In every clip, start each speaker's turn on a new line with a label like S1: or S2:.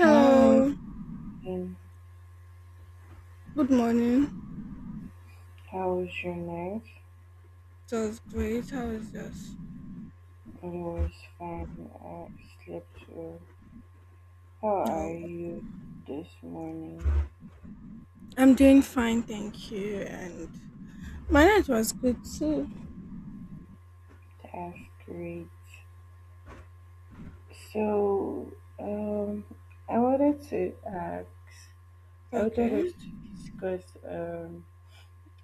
S1: Hi, um,
S2: good morning.
S1: how was your night?
S2: It was great. How is yours?
S1: It was fine. I slept well. How are
S2: Oh,
S1: you this morning?
S2: I'm doing fine, thank you. And my night was good too.
S1: That's great. So, um, I wanted to ask, I wanted
S2: Okay.
S1: us to discuss, um,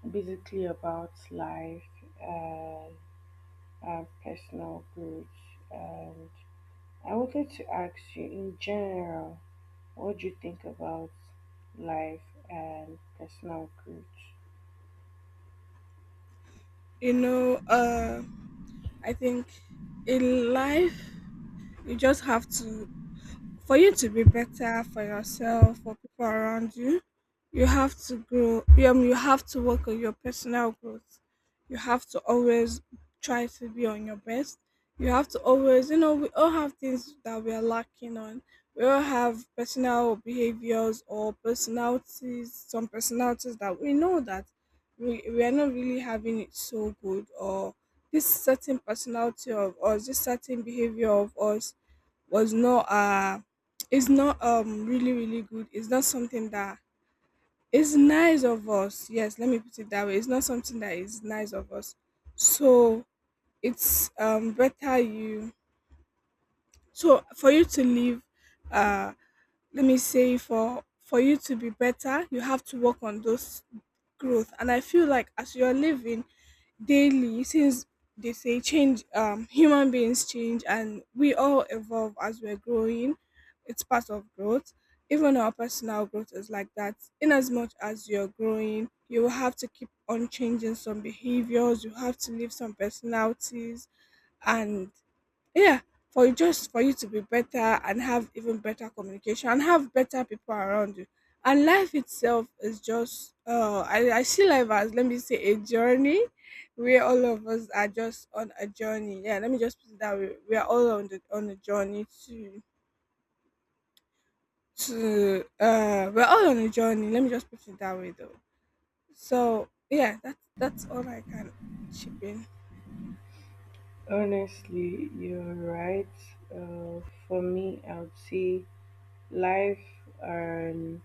S1: basically about life, uh, and personal growth. And I wanted to ask you in general, what do you think about life and personal growth?
S2: You know, I think in life, you just have to for you to be better for yourself, for people around you, you have to grow. You have to work on your personal growth. You have to always try to be on your best. You have to always, we all have things that we are lacking on. We all have personal behaviors or personalities, some personalities that we know that we are not really having it so good, or this certain personality of us, this certain behavior of us was not, it's not really really good. It's not something that is nice of us. Yes, let me put it that way. It's not something that is nice of us. So it's better you, so for you to live, uh let me say, for you to be better, you have to work on those growth. And I feel like as you're living daily, since they say change, human beings change, and we all evolve as we're growing. It's part of growth. Even our personal growth is like that. In as much as you're growing, you will have to keep on changing some behaviors, you have to leave some personalities, and yeah, for you, just for you to be better and have even better communication and have better people around you. And life itself is just I see life as, let me say, a journey, where all of us are just on a journey. Yeah, let me just put it that way. We are all on the on a journey to we're all on a journey. Let me just put it that way though. So yeah, that's all I can chip in.
S1: Honestly, you're right. Uh, for me, I would say life and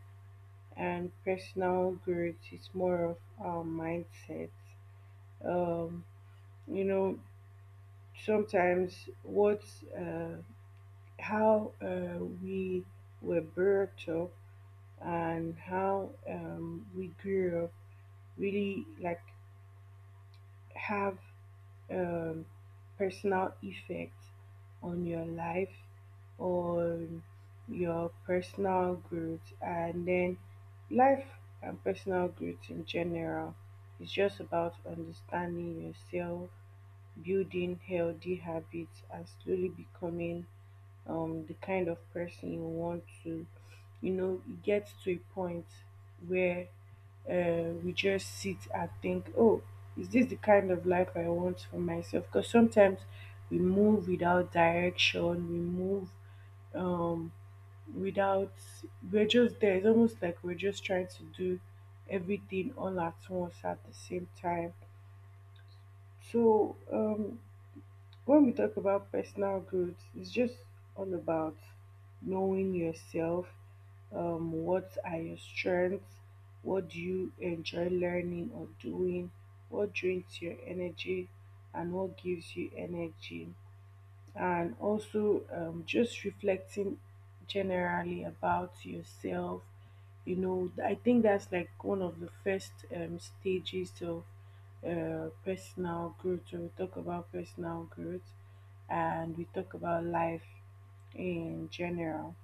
S1: personal growth is more of our mindset. Um, you know, sometimes what uh, how we were brought up and how we grew up really like have um, personal effect on your life, on your personal growth, and then life and personal growth in general, is just about understanding yourself, building healthy habits, and slowly becoming the kind of person you want to. You know, it gets to a point where we just sit and think, oh, is this the kind of life I want for myself? Because sometimes we move without direction, we move um, without, we're just there. It's almost like we're just trying to do everything all at once at the same time. So when we talk about personal growth, it's just all about knowing yourself. What are your strengths? What do you enjoy learning or doing? What drains your energy? And what gives you energy? And also just reflecting generally about yourself. I think that's like one of the first stages of personal growth. So we talk about personal growth and we talk about life in general.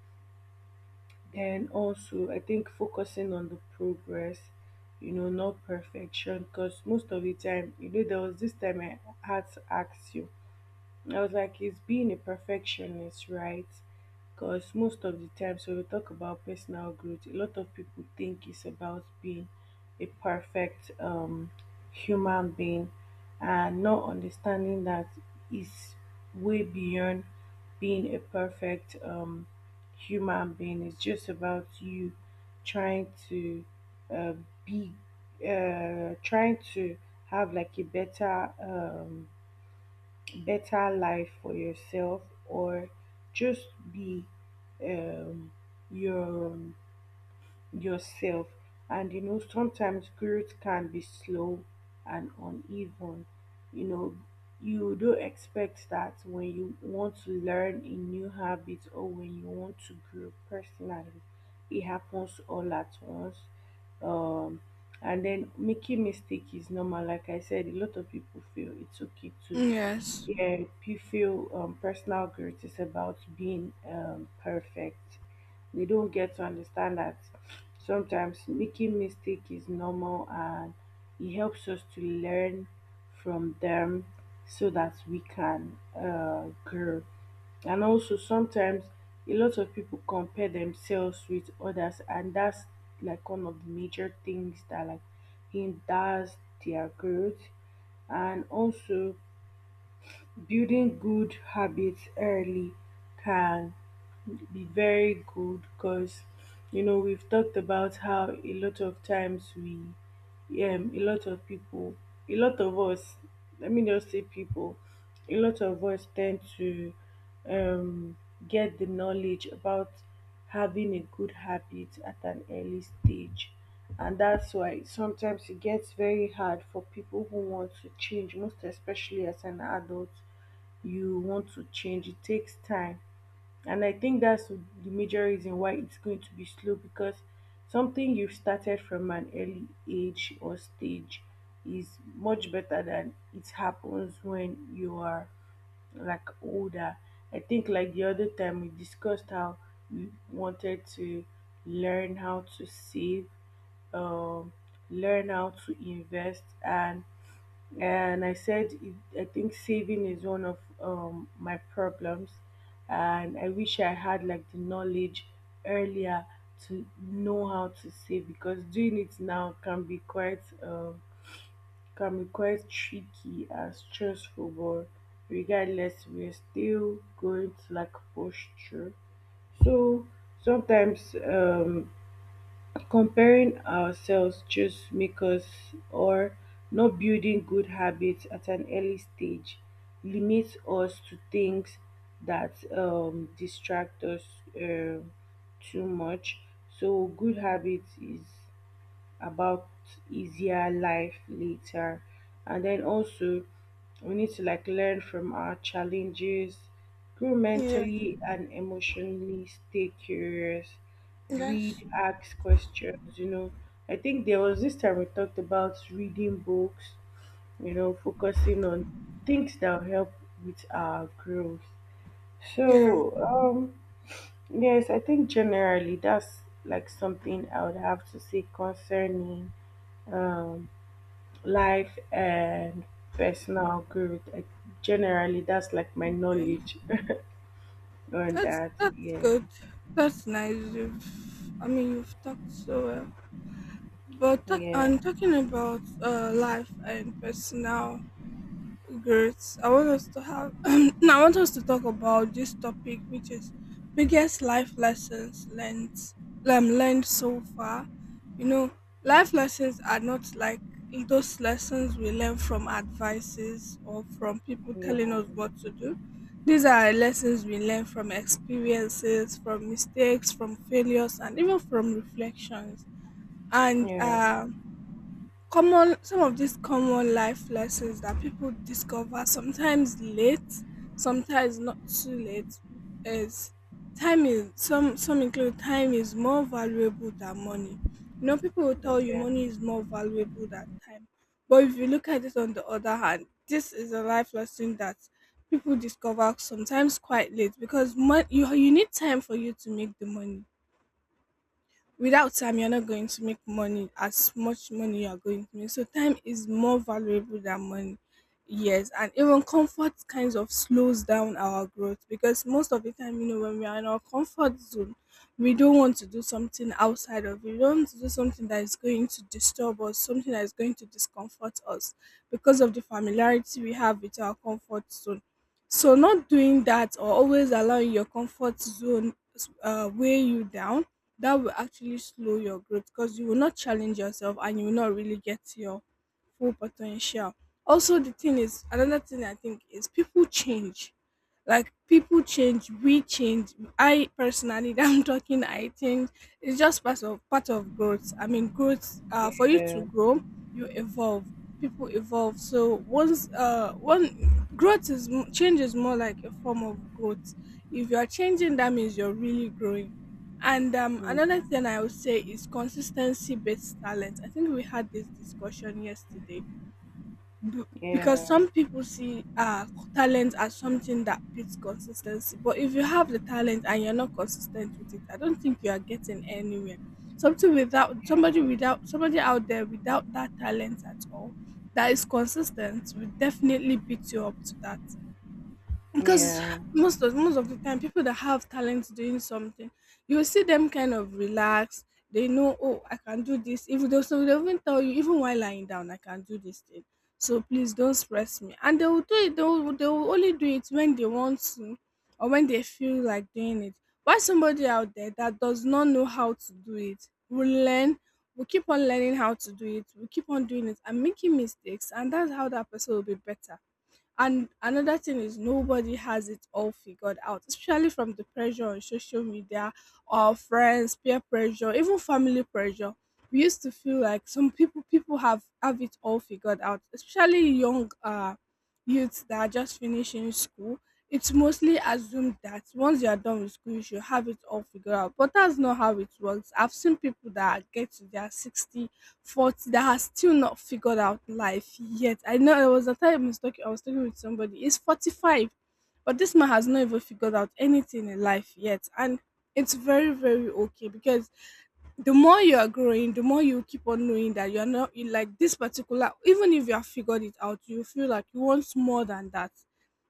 S1: Then also I think focusing on the progress, you know, not perfection, because most of the time, you know, there was this time I had to ask you, I was like, it's being a perfectionist, right? Because most of the times when we talk about personal growth, a lot of people think it's about being a perfect human being, and not understanding that it's way beyond being a perfect human being. It's just about you trying to uh, be, trying to have like a better. Better life for yourself, or just be um, your yourself. And you know sometimes growth can be slow and uneven. You know, you do expect that when you want to learn a new habit or when you want to grow personally, it happens all at once. um and then making mistake is normal. Like I said, a lot of people feel it's okay to,
S2: Yes.
S1: yeah, you feel personal growth is about being perfect. They don't get to understand that sometimes making mistake is normal and it helps us to learn from them so that we can grow. And also sometimes a lot of people compare themselves with others, and that's like one of the major things that like hinders their growth. And also, building good habits early can be very good, because you know we've talked about how a lot of times we a lot of people a lot of us let me just say people a lot of us tend to um get the knowledge about having a good habit at an early stage. And that's why sometimes it gets very hard for people who want to change, most especially as an adult. You want to change, it takes time. And I think that's the major reason why it's going to be slow, because something you've started from an early age or stage is much better than it happens when you are like older. I think like the other time we discussed how we wanted to learn how to save, um, learn how to invest, and I said I think saving is one of my problems, and I wish I had like the knowledge earlier to know how to save, because doing it now can be quite tricky and stressful. But regardless, we're still going to like push through. So sometimes comparing ourselves just makes us, or not building good habits at an early stage, limits us to things that distract us um too much. So good habits is about easier life later. And then also, we need to like learn from our challenges, grow
S2: Yeah.
S1: mentally and emotionally, stay curious,
S2: Yes.
S1: read, ask questions. You know, I think there was this time we talked about reading books, you know, focusing on things that will help with our growth.
S2: Yeah.
S1: So, um, yes, I think generally that's like something I would have to say concerning um, life and personal growth. Generally, that's like my knowledge on
S2: That's
S1: that.
S2: that's
S1: Yeah,
S2: good. That's nice. You've talked so well. But
S1: yeah,
S2: talking about life and personal. Great. I want us to have. I want us to talk about this topic, which is biggest life lessons learned. Learned so far. You know, life lessons are not like those lessons we learn from advices or from people telling
S1: yeah,
S2: us what to do. These are lessons we learn from experiences, from mistakes, from failures, and even from reflections.
S1: yeah,
S2: And
S1: yeah,
S2: common some of these common life lessons that people discover sometimes late, sometimes not too late, is time is some include time is more valuable than money. You know, people will tell you
S1: yeah,
S2: money is more valuable than time, but if you look at it on the other hand, this is a life lesson that people discover sometimes quite late, because you need time for you to make the money. Without time, you're not going to make money, as much money you're going to make. So time is more valuable than money. Yes, and even comfort kinds of slows down our growth, because most of the time, you know, when we are in our comfort zone, we don't want to do something outside of it. We don't want to do something that is going to disturb us, something that is going to discomfort us, because of the familiarity we have with our comfort zone. So not doing that, or always allowing your comfort zone weigh you down, that will actually slow your growth, because you will not challenge yourself and you will not really get to your full potential. Also, the thing is, another thing I think is people change. Like, people change, we change. I personally, I'm talking, I change. It's just part of growth. I mean, growth. For you to
S1: yeah,
S2: grow, you evolve. People evolve. So once, one growth is change is more like a form of growth. If you are changing, that means you're really growing. And another
S1: yeah,
S2: thing I would say is consistency based talent. I think we had this discussion yesterday. B- because
S1: yeah,
S2: some people see talent as something that beats consistency, but if you have the talent and you're not consistent with it, I don't think you are getting anywhere. Something without somebody without somebody out there without that talent at all, that is consistent, will definitely beat you up to that,
S1: yeah,
S2: because
S1: yeah,
S2: most of the time, people that have talent doing something, you will see them kind of relaxed. They know, oh, I can do this, even though, so they even tell you, even while lying down, I can do this thing, so please don't stress me. And they will do it. They will only do it when they want to, or when they feel like doing it, why somebody out there that does not know how to do it will learn, will keep on learning how to do it, will keep on doing it and making mistakes, and that's how that person will be better. And another thing is, nobody has it all figured out, especially from the pressure on social media, or friends, peer pressure, even family pressure. We used to feel like some people have it all figured out, especially young youths that are just finishing school. It's mostly assumed that once you are done with school, you should have it all figured out. But that's not how it works. I've seen people that get to their 60 Fault that has still not figured out life yet. I know there was a time I was talking with somebody. He's 45, but this man has not even figured out anything in life yet. And it's very, very okay, because the more you are growing, the more you keep on knowing that you're not, you like this particular, even if you have figured it out, you feel like you want more than that.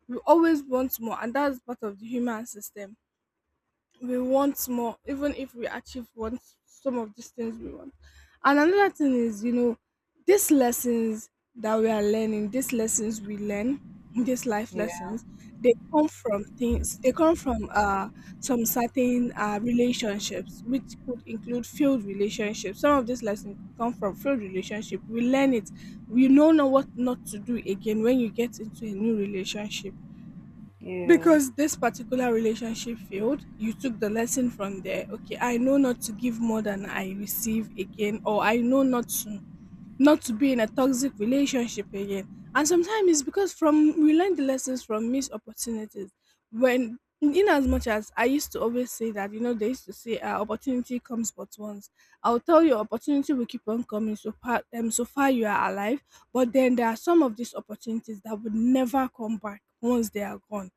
S2: You always want more, and that's part of the human system. We want more, even if we achieve what, some of these things we want. And another thing is, you know, these lessons that we are learning, these lessons we learn, these life lessons, they come from things, they come from some certain relationships, which could include failed relationships. Some of these lessons could come from failed relationship, we learn it. We know now what not to do again when you get into a new relationship,
S1: yeah,
S2: because this particular relationship failed, you took the lesson from there. Okay, I know not to give more than I receive again, or I know not to be in a toxic relationship again. And sometimes it's because from we learn the lessons from missed opportunities. When, in as much as I used to always say that, you know, they used to say, opportunity comes but once. I'll tell you, opportunity will keep on coming so far, you are alive. But then there are some of these opportunities that would never come back once they are gone.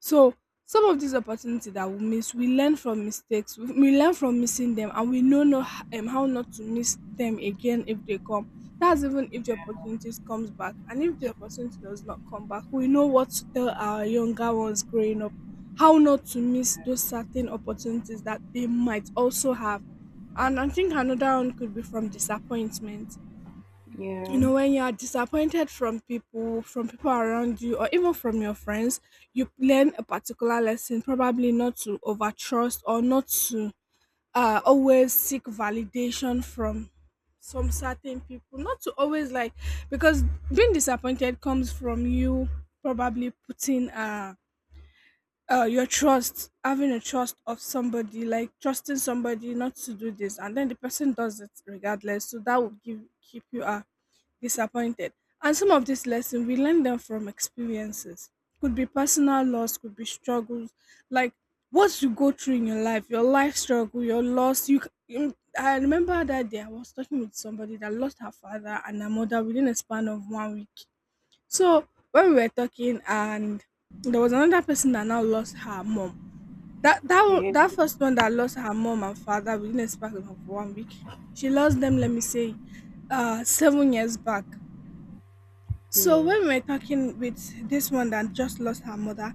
S2: So some of these opportunities that we miss, we learn from mistakes. We learn from missing them, and we know not, how not to miss them again if they come. That's even if the opportunities comes back. And if the opportunity does not come back, we know what to tell our younger ones growing up, how not to miss those certain opportunities that they might also have. And I think another one could be from disappointment. You know, when you are disappointed from people around you, or even from your friends, you learn a particular lesson, probably not to overtrust, or not to always seek validation from some certain people, not to always like, because being disappointed comes from you probably putting your trust, having a trust of somebody, like trusting somebody not to do this, and then the person does it regardless, so that would give, keep you disappointed. And some of these lessons, we learn them from experiences. Could be personal loss, could be struggles, like what you go through in your life struggle, your loss. You, I remember that day I was talking with somebody that lost her father and her mother within a span of one week. So when we were talking, and there was another person that now lost her mom. That first one that lost her mom and father within a span of one week, she lost them. Let me say, 7 years back. So
S1: yes,
S2: when we were talking with this one that just lost her mother,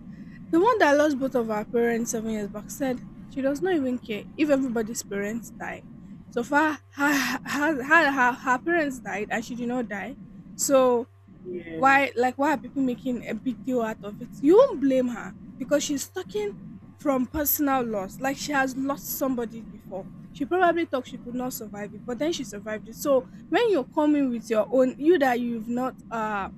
S2: the one that lost both of her parents 7 years back said she does not even care if everybody's parents die. So far, her parents died and she did not die. So,
S1: yeah,
S2: why, like, why are people making a big deal out of it? You won't blame her because she's talking from personal loss. Like, she has lost somebody before. She probably thought she could not survive it, but then she survived it. So when you're coming with your own, you that you've not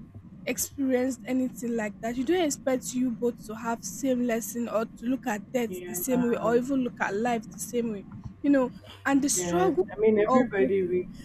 S2: experienced anything like that, you don't expect you both to have same lesson, or to look at death the
S1: yeah,
S2: same way, or even look at life the same way, you know. And the
S1: yes.
S2: struggle
S1: I mean,
S2: we all go.
S1: everybody reads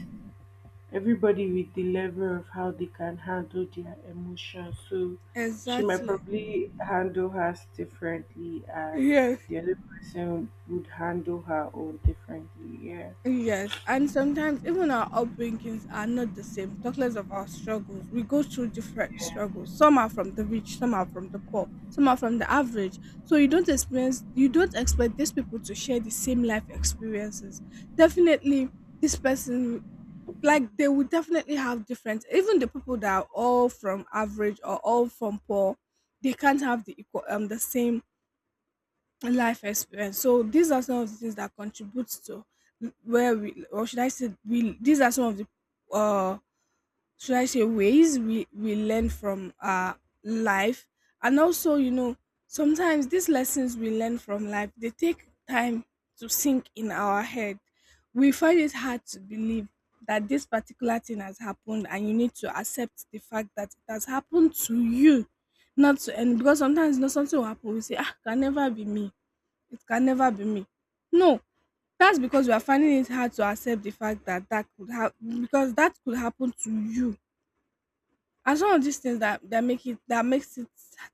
S1: everybody with the level of how they can handle their emotions. So she might
S2: Exactly.
S1: probably handle hers differently, and
S2: Yes.
S1: the other person would handle her own differently. Yeah,
S2: Yes, and sometimes even our upbringings are not the same. Talk less of our struggles. We go through different struggles. Some are from the rich, some are from the poor, some are from the average. So you don't experience, you don't expect these people to share the same life experiences. Definitely, this person, like, they will definitely have different. Even the people that are all from average or all from poor, they can't have the equal, the same life experience. So these are some of the things that contributes to where we, or should I say, we. These are some of the, uh, should I say, ways we learn from our life, and also, you know, sometimes these lessons we learn from life, they take time to sink in our head. We find it hard to believe that this particular thing has happened, and you need to accept the fact that it has happened to you. Not to, and because sometimes, you know, something will happen, we say, ah, can never be me, it can never be me. No, that's because we are finding it hard to accept the fact that that could have, because that could happen to you. And some of these things that make it, that makes it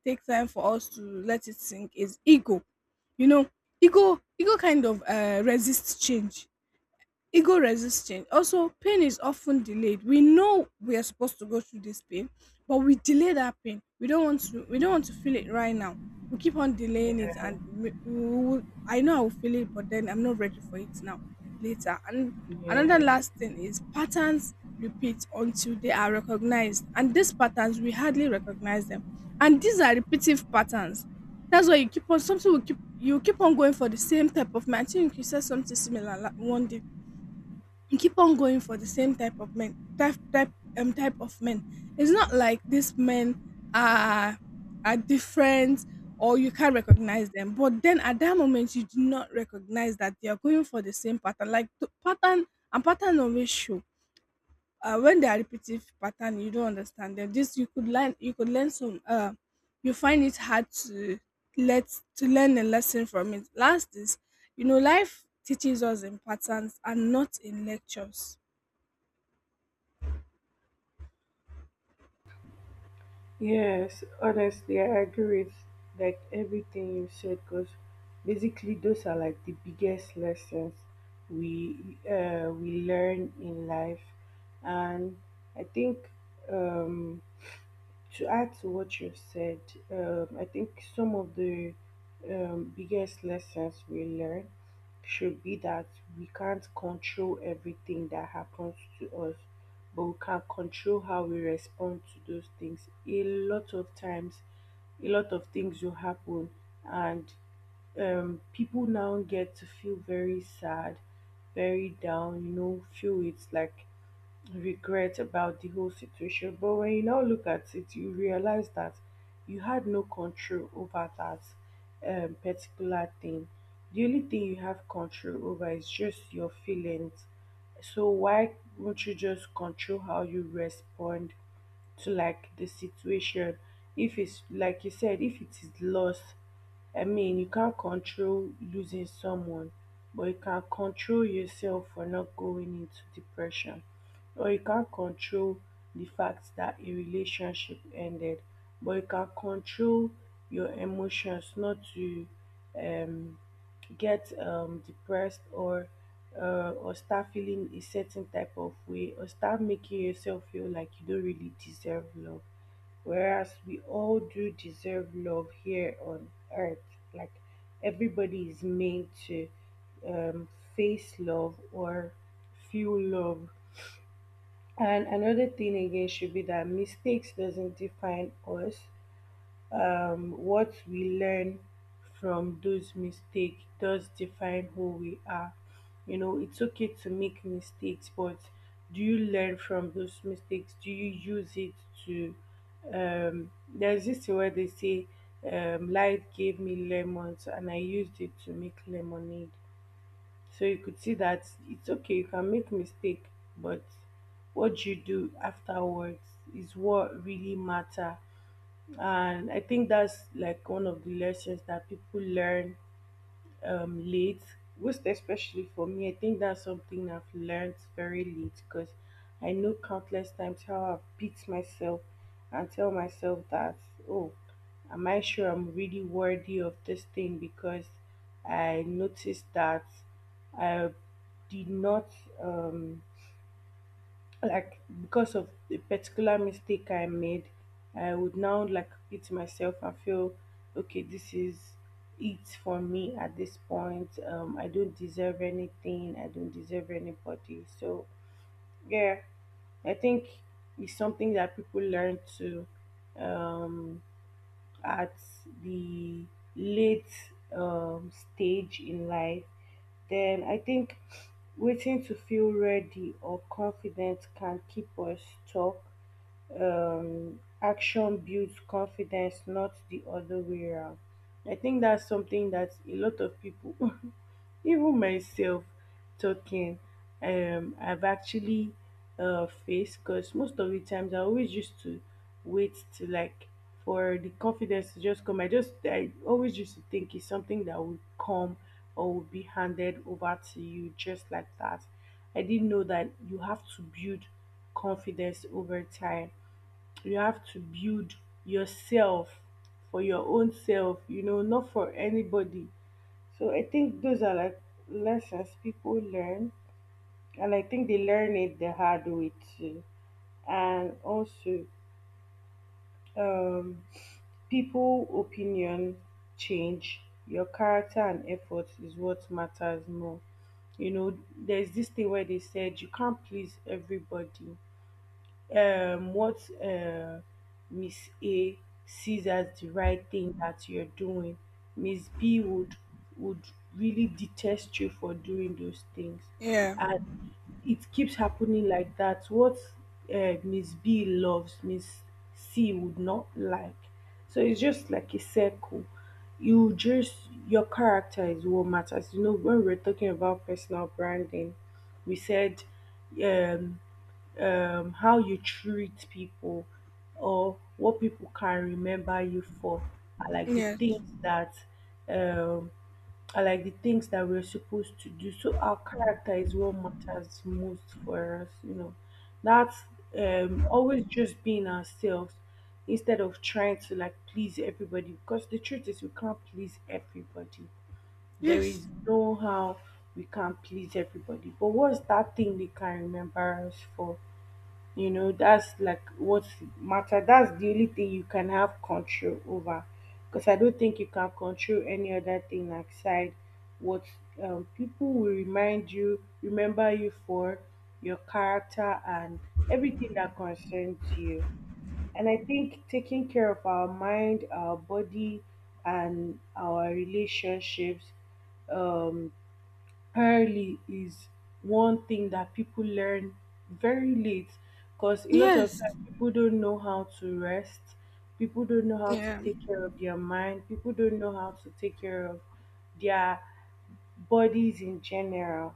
S2: take time for us to let it sink, is ego. You know, ego kind of resists change. Ego resisting also, pain is often delayed. We know we are supposed to go through this pain, but we delay that pain. We don't want to, we don't want to feel it right now. We keep on delaying it,
S1: yeah,
S2: and we will, I know I will feel it, but then I'm not ready for it now, later. And another
S1: yeah.
S2: last thing is, patterns repeat until they are recognized, and these patterns, we hardly recognize them, and these are repetitive patterns. That's why you keep on, something will keep, you keep on going for the same type of matching. You said something similar one day. You keep on going for the same type of men, type of men. It's not like these men are are different, or you can't recognize them, but then at that moment, you do not recognize that they are going for the same pattern, like the pattern. And pattern always show, when they are repetitive pattern, you don't understand them. This, you could learn, you could learn some, you find it hard to let, to learn a lesson from it. Last is, you know, life teaches us in patterns and not in lectures.
S1: Yes, honestly, I agree with like everything you said, because basically those are like the biggest lessons we we learn in life, and I think um, to add to what you've said, I think some of the biggest lessons we learn should be that we can't control everything that happens to us, but we can control how we respond to those things. A lot of times, a lot of things will happen, and people now get to feel very sad, very down, you know, feel it's like regret about the whole situation. But when you now look at it, you realize that you had no control over that particular thing. The only thing you have control over is just your feelings. So why won't you just control how you respond to like the situation? If it's like you said, if it is loss, I mean, you can't control losing someone, but you can control yourself for not going into depression. Or you can't control the fact that a relationship ended, but you can control your emotions not to um, get depressed, or start feeling a certain type of way, or start making yourself feel like you don't really deserve love. Whereas we all do deserve love here on earth. Like everybody is made to um, face love or feel love. And another thing again should be that mistakes doesn't define us. What we learn from those mistakes does define who we are. You know, it's okay to make mistakes, but do you learn from those mistakes? Do you use it to? There's this thing where they say, "Light gave me lemons, and I used it to make lemonade." So you could see that it's okay, you can make mistake, but what you do afterwards is what really matter. And I think that's like one of the lessons that people learn late, most especially for me. I think that's something I've learned very late, because I know countless times how I beat myself and tell myself that, oh, am I sure I'm really worthy of this thing? Because I noticed that I did not. Um, like because of the particular mistake I made, I would now like it myself and feel okay, this is it for me at this point. I don't deserve anything, I don't deserve anybody. So, yeah, I think it's something that people learn to um at the late stage in life. Then I think waiting to feel ready or confident can keep us stuck. Action builds confidence, not the other way around. I think that's something that a lot of people even myself talking I've actually faced, because most of the times I always used to wait to like for the confidence to just come. I always used to think it's something that would come or would be handed over to you just like that. I didn't know that you have to build confidence over time. You have to build yourself for your own self, you know, not for anybody. So I think those are like lessons people learn, and I think they learn it the hard way too. And also, um, people opinion change. Your character and effort is what matters more. You know, there's this thing where they said you can't please everybody. What uh, Miss A sees as the right thing that you're doing, Miss B would really detest you for doing those things,
S2: Yeah.
S1: and it keeps happening like that. What Miss B loves, Miss C would not like. So it's just like a circle. You just your character is what matters. You know when we're talking about personal branding, we said um, how you treat people or what people can remember you for are like the
S2: Yes.
S1: things that um, we're supposed to do. So our character is what matters most for us, you know. That's always just being ourselves instead of trying to like please everybody because the truth is we can't please everybody. There
S2: Yes.
S1: is no how we can please everybody. But what's that thing they can remember us for? You know that's like what matter, that's the only thing you can have control over because I don't think you can control any other thing outside. What people will remind you remember you for, your character and everything that concerns you. And I think taking care of our mind, our body, and our relationships um early is one thing that people learn very late because a lot of
S2: Yes.
S1: time people don't know how to rest, people don't know how to
S2: Yeah.
S1: take care of their mind, people don't know how to take care of their bodies in general.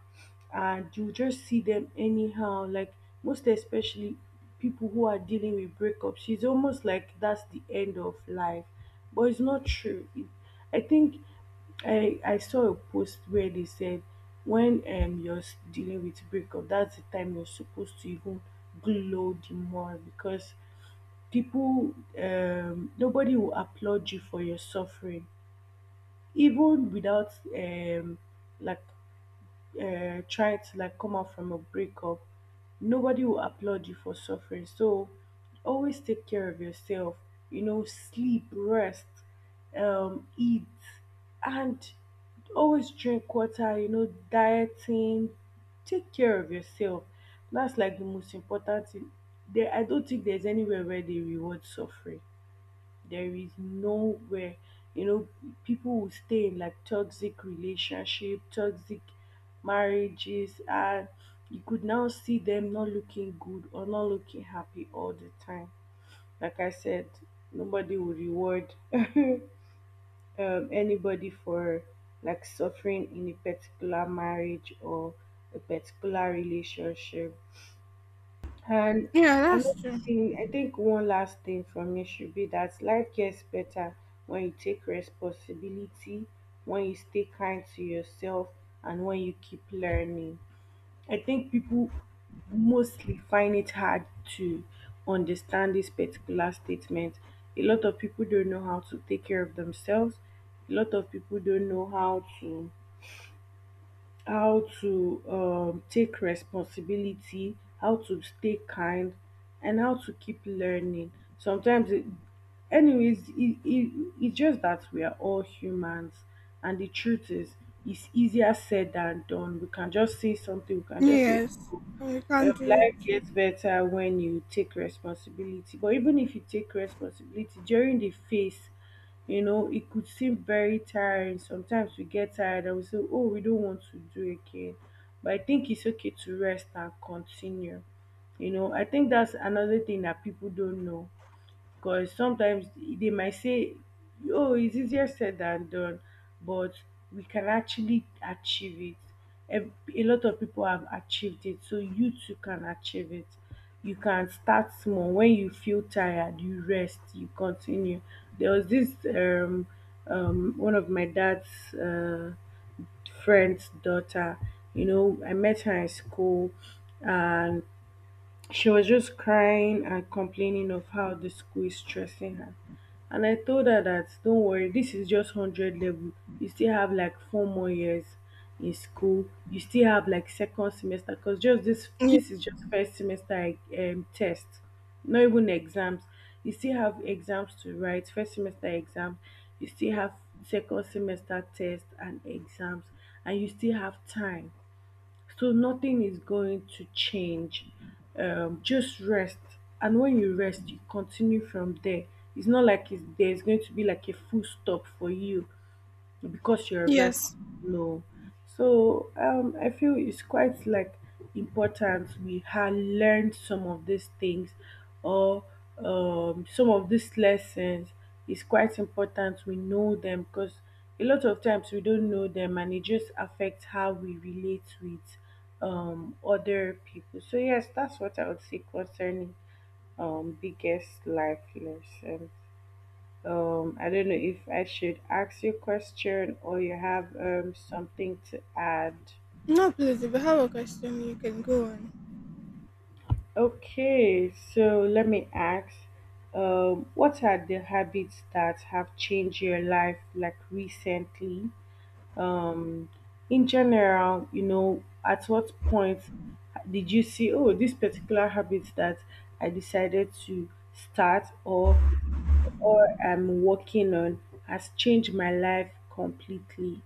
S1: And you just see them anyhow, like most especially people who are dealing with breakups, it's almost like that's the end of life. But it's not true. I think I saw a post where they said when you're dealing with breakup, that's the time you're supposed to even glow the more because people, nobody will applaud you for your suffering. Even without like try to like come out from a breakup, nobody will applaud you for suffering. So always take care of yourself. You know, sleep, rest, eat, and always drink water. You know, dieting. Take care of yourself. That's like the most important thing. I don't think there's anywhere where they reward suffering, there is nowhere, you know. People will stay in like toxic relationship, toxic marriages, and you could now see them not looking good or not looking happy all the time. Like I said, nobody will reward anybody for like suffering in a particular marriage or a particular relationship. And
S2: Yeah, that's
S1: another
S2: true.
S1: thing, I think one last thing from me should be that life gets better when you take responsibility, when you stay kind to yourself, and when you keep learning. I think people mostly find it hard to understand this particular statement. A lot of people don't know how to take care of themselves. A lot of people don't know how to take responsibility, how to stay kind, and how to keep learning. Sometimes, it, Anyways, it's just that we are all humans, and the truth is, it's easier said than done. We can just say something, we can just say,
S2: Yes.
S1: "Oh,
S2: We can't do
S1: life
S2: it.
S1: gets better when you take responsibility." But even if you take responsibility during the phase, you know, it could seem very tiring. Sometimes we get tired and we say, oh, we don't want to do again. But I think it's okay to rest and continue. You know, I think that's another thing that people don't know. Because sometimes they might say, oh, it's easier said than done, but we can actually achieve it. A lot of people have achieved it, so you too can achieve it. You can start small. When you feel tired, you rest, you continue. There was this one of my dad's uh, friend's daughter. You know, I met her in school, and she was just crying and complaining of how the school is stressing her. And I told her that don't worry, this is just 100 level. You still have like four more years in school. You still have like second semester because just
S2: Ye-
S1: this is just first semester test, not even exams. You still have exams to write, first semester exam. You still have second semester test and exams, and you still have time so nothing is going to change. Just rest. And when you rest, you continue from there. It's not like it's, There's going to be like a full stop for you because you're rest.
S2: Yes.
S1: No. So I feel it's quite like important we had learned some of these things, or some of these lessons. It's quite important we know them because a lot of times we don't know them and it just affects how we relate with other people. So yes, that's what I would say concerning biggest life lesson. I don't know if I should ask you a question or you have something to add.
S2: No, please, if you have a question, you can go on.
S1: Okay, so let me ask, what are the habits that have changed your life like recently? Um, in general, you know, at what point did you see, oh, this particular habit that I decided to start or I'm working on has changed my life completely?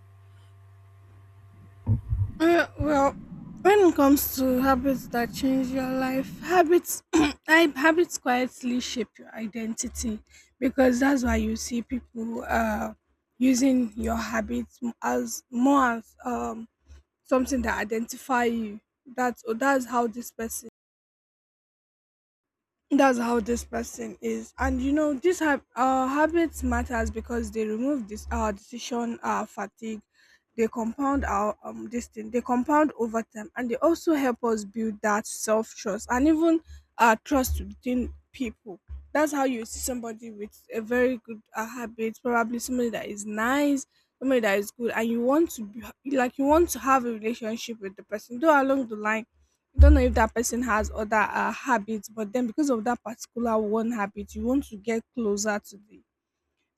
S2: Uh, well, when it comes to habits that change your life, habits, I, habits quietly shape your identity, because that's why you see people using your habits as more as something that identify you. That's, oh, that's how this person, that's how this person is. And you know, this our habits matters, because they remove this, our decision, our fatigue. They compound our, this thing they compound over time, and they also help us build that self-trust and even our trust within people. That's how you see somebody with a very good habit, probably somebody that is nice, somebody that is good, and you want to be like, you want to have a relationship with the person, though along the line, don't know if that person has other habits, but then because of that particular one habit, you want to get closer to the,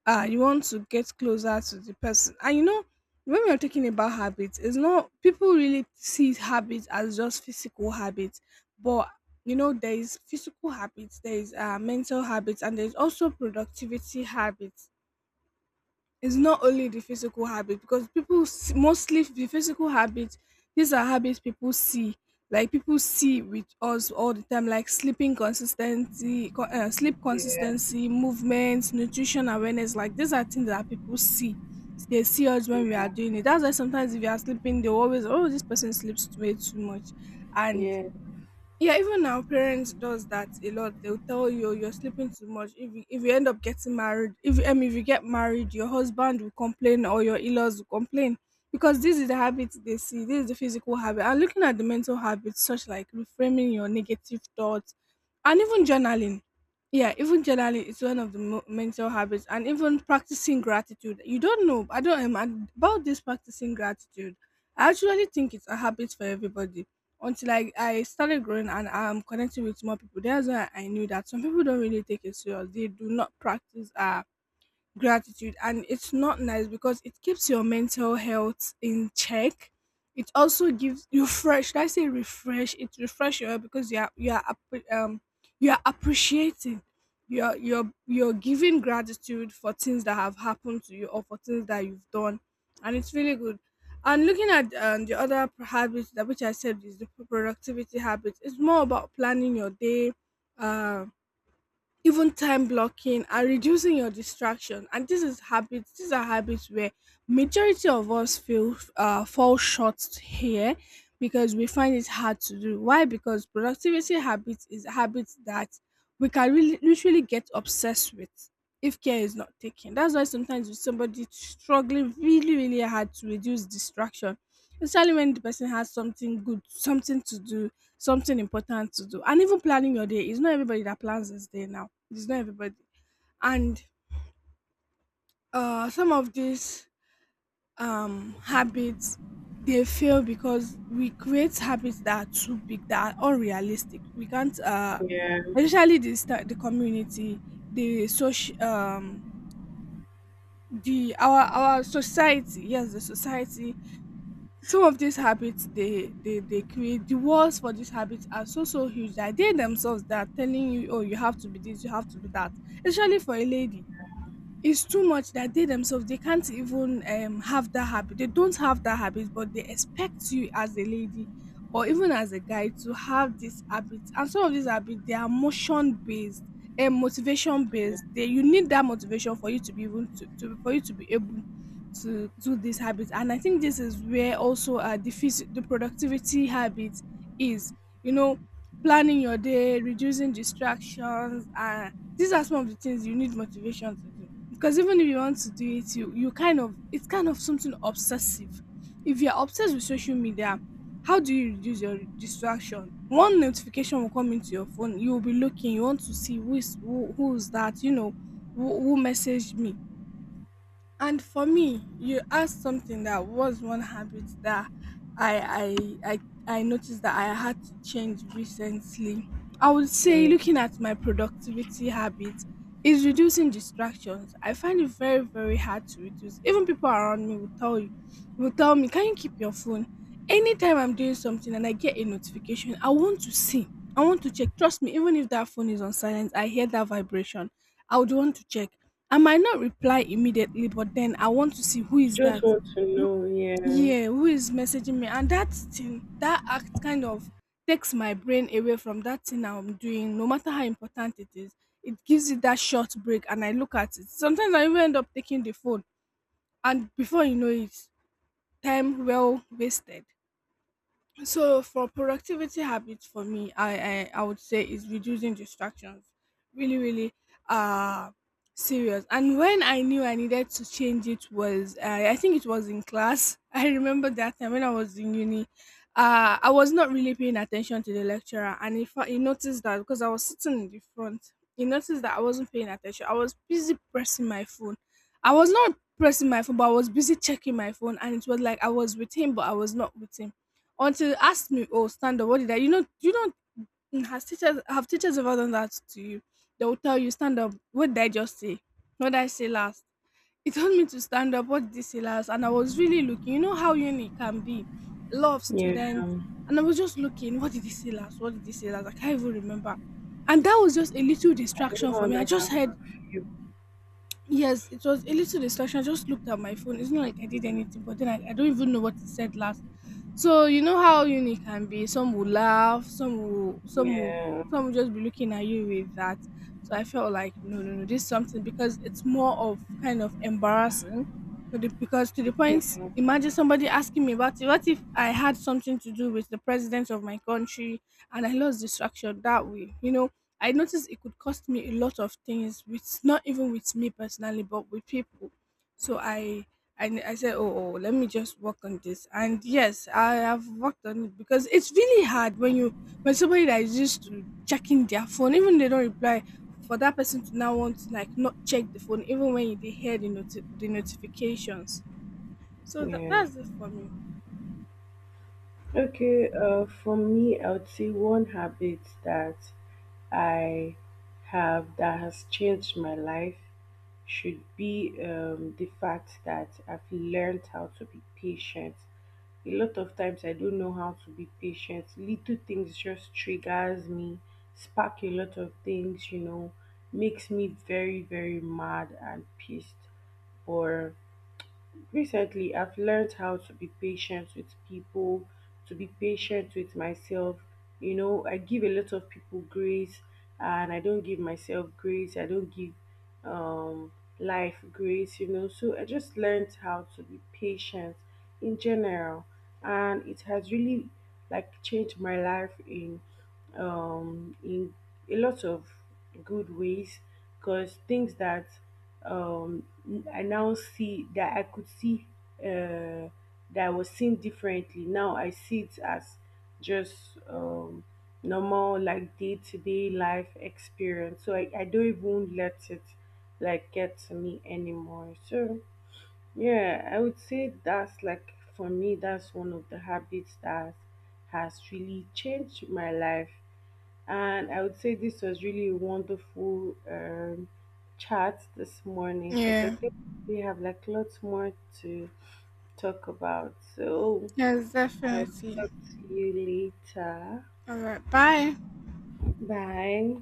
S2: you want to get closer to the person. And you know, when we're talking about habits, it's not, people really see habits as just physical habits, but you know, there is physical habits, there is mental habits, and there's also productivity habits. It's not only the physical habit, because people mostly the physical habits, these are habits people see. Like, people see with us all the time, like sleeping consistency, sleep
S1: Yeah.
S2: consistency, movements, nutrition awareness. Like, these are things that people see. They see us when we are
S1: Yeah,
S2: doing it. That's why sometimes, if you are sleeping, they always, oh, this person sleeps way too much, and
S1: yeah,
S2: yeah, even now, parents does that a lot. They'll tell you, "Oh, you're sleeping too much. If you end up getting married, if I mean, if you get married, your husband will complain, or your in-laws will complain, because this is the habit they see. This is the physical habit." And looking at the mental habits, such like reframing your negative thoughts, and even journaling. Yeah, even journaling is one of the mental habits, and even practicing gratitude. You don't know. I don't, about this practicing gratitude, I actually think it's a habit for everybody, until I started growing and I'm connecting with more people. That's why I knew that some people don't really take it serious. They do not practice gratitude, and it's not nice, because it keeps your mental health in check. It also gives you fresh, should I say, refresh, it refresh your health, because you are, you are you are appreciating. You're, you're giving gratitude for things that have happened to you, or for things that you've done, and it's really good. And looking at the other habits, that which I said is the productivity habits, it's more about planning your day, um even time blocking and reducing your distraction. And this is habits, these are habits where majority of us feel, fall short here, because we find it hard to do. Why? Because productivity habits is habits that we can really literally get obsessed with, if care is not taken. That's why sometimes with somebody struggling really, really hard to reduce distraction, especially when the person has something good, something to do, something important to do. And even planning your day, it's not everybody that plans his day now, it's not everybody. And some of these habits, they fail because we create habits that are too big, that are unrealistic. We can't,
S1: yeah.
S2: especially the the community, the social, the our society, yes, the society, some of these habits, they create the walls for these habits are so, so huge, that they themselves, they are telling you, oh, you have to be this, you have to be that, especially for a lady. It's too much, that they themselves, they can't even have that habit. They don't have that habit, but they expect you, as a lady, or even as a guy, to have this habit. And some of these habits, they are motion based and motivation
S1: Yeah.
S2: based they, you need that motivation for you to be, even to for you to be able to do this habit. And I think this is where also, the the productivity habit is, you know, planning your day, reducing distractions, and these are some of the things you need motivation to do, because even if you want to do it, you kind of, it's kind of something obsessive. If you're obsessed with social media, how do you reduce your distraction? One notification will come into your phone, you will be looking. You want to see who is that? You know, who messaged me? And for me, you asked something that was one habit that I I I I noticed that I had to change recently. I would say, looking
S1: Yeah.
S2: at my productivity habits, is reducing distractions. I find it very, very hard to reduce. Even people around me will tell you, will tell me, can you keep your phone? Anytime I'm doing something and I get a notification, I want to see, I want to check. Trust me, even if that phone is on silent, I hear that vibration. I would want to check. I might not reply immediately, but then I want to see who is
S1: Just
S2: that.
S1: want to
S2: Who-
S1: know, yeah.
S2: Yeah, who is messaging me? And that thing, that act kind of takes my brain away from that thing I'm doing, no matter how important it is. It gives it that short break, and I look at it. Sometimes I even end up taking the phone, and before you know it, time well wasted. So for productivity habits, for me, I would say is reducing distractions. Really, really, uh serious. And when I knew I needed to change, it was, I think it was in class. I remember that time when I was in uni. I was not really paying attention to the lecturer, and if he noticed that, because I was sitting in the front, he noticed that I wasn't paying attention. I was busy pressing my phone. I was not pressing my phone, but I was busy checking my phone, and it was like I was with him, but I was not with him, until you asked me, "Oh, stand up. What did I?" You know, you don't, mm, has teachers have teachers ever done that to you? They will tell you, "Stand up. What did I just say? What did I say last?" He told me to stand up. What did he say last? And I was really looking. You know how uni can be, a lot of
S1: Yeah.
S2: students, and I was just looking. What did he say last? What did he say last? I can't even remember. And that was just a little
S1: I know
S2: distraction for
S1: how
S2: me. I
S1: that can
S2: just heard,
S1: affect you.
S2: yes, it was a little distraction. I just looked at my phone. It's not like I did anything, but then I don't even know what it said last. So you know how uni can be. Some will laugh,
S1: Yeah,
S2: some will just be looking at you with that. So I felt like, no, no, no, this is something, because it's more of kind of embarrassing. So because to the point,
S1: yeah,
S2: imagine somebody asking me about it. What if I had something to do with the president of my country, and I lost distraction that way? You know, I noticed it could cost me a lot of things, with not even with me personally, but with people. So I said, oh, oh, let me just work on this. And yes, I have worked on it, because it's really hard when you, when somebody that is used to checking their phone, even they don't reply, for that person to now want to, like, not check the phone, even when they hear the the notifications. So
S1: yeah.
S2: that,
S1: Yeah.
S2: that's it for me.
S1: Okay, uh, for me I would say one habit that I have that has changed my life should be the fact that I've learned how to be patient. A lot of times I don't know how to be patient. Little things just triggers me, spark a lot of things, you know, makes me very, very mad and pissed. Or Recently, I've learned how to be patient with people, to be patient with myself. You know, I give a lot of people grace and I don't give myself grace. I don't give um, life grace, you know. So I just learned how to be patient in general. And it has really like changed my life in a lot of good ways because things that um I now see that uh I was seen differently. Now I see it as just normal, like day to day life experience. So I don't even let it like get to me anymore. So yeah, I would say that's like for me that's one of the habits that has really changed my life. And I would say this was really a wonderful chat this morning because I
S2: Yeah.
S1: think we have like lots more to talk about. So
S2: Yes,
S1: I'll
S2: definitely.
S1: talk to you later.
S2: All right. Bye.
S1: Bye.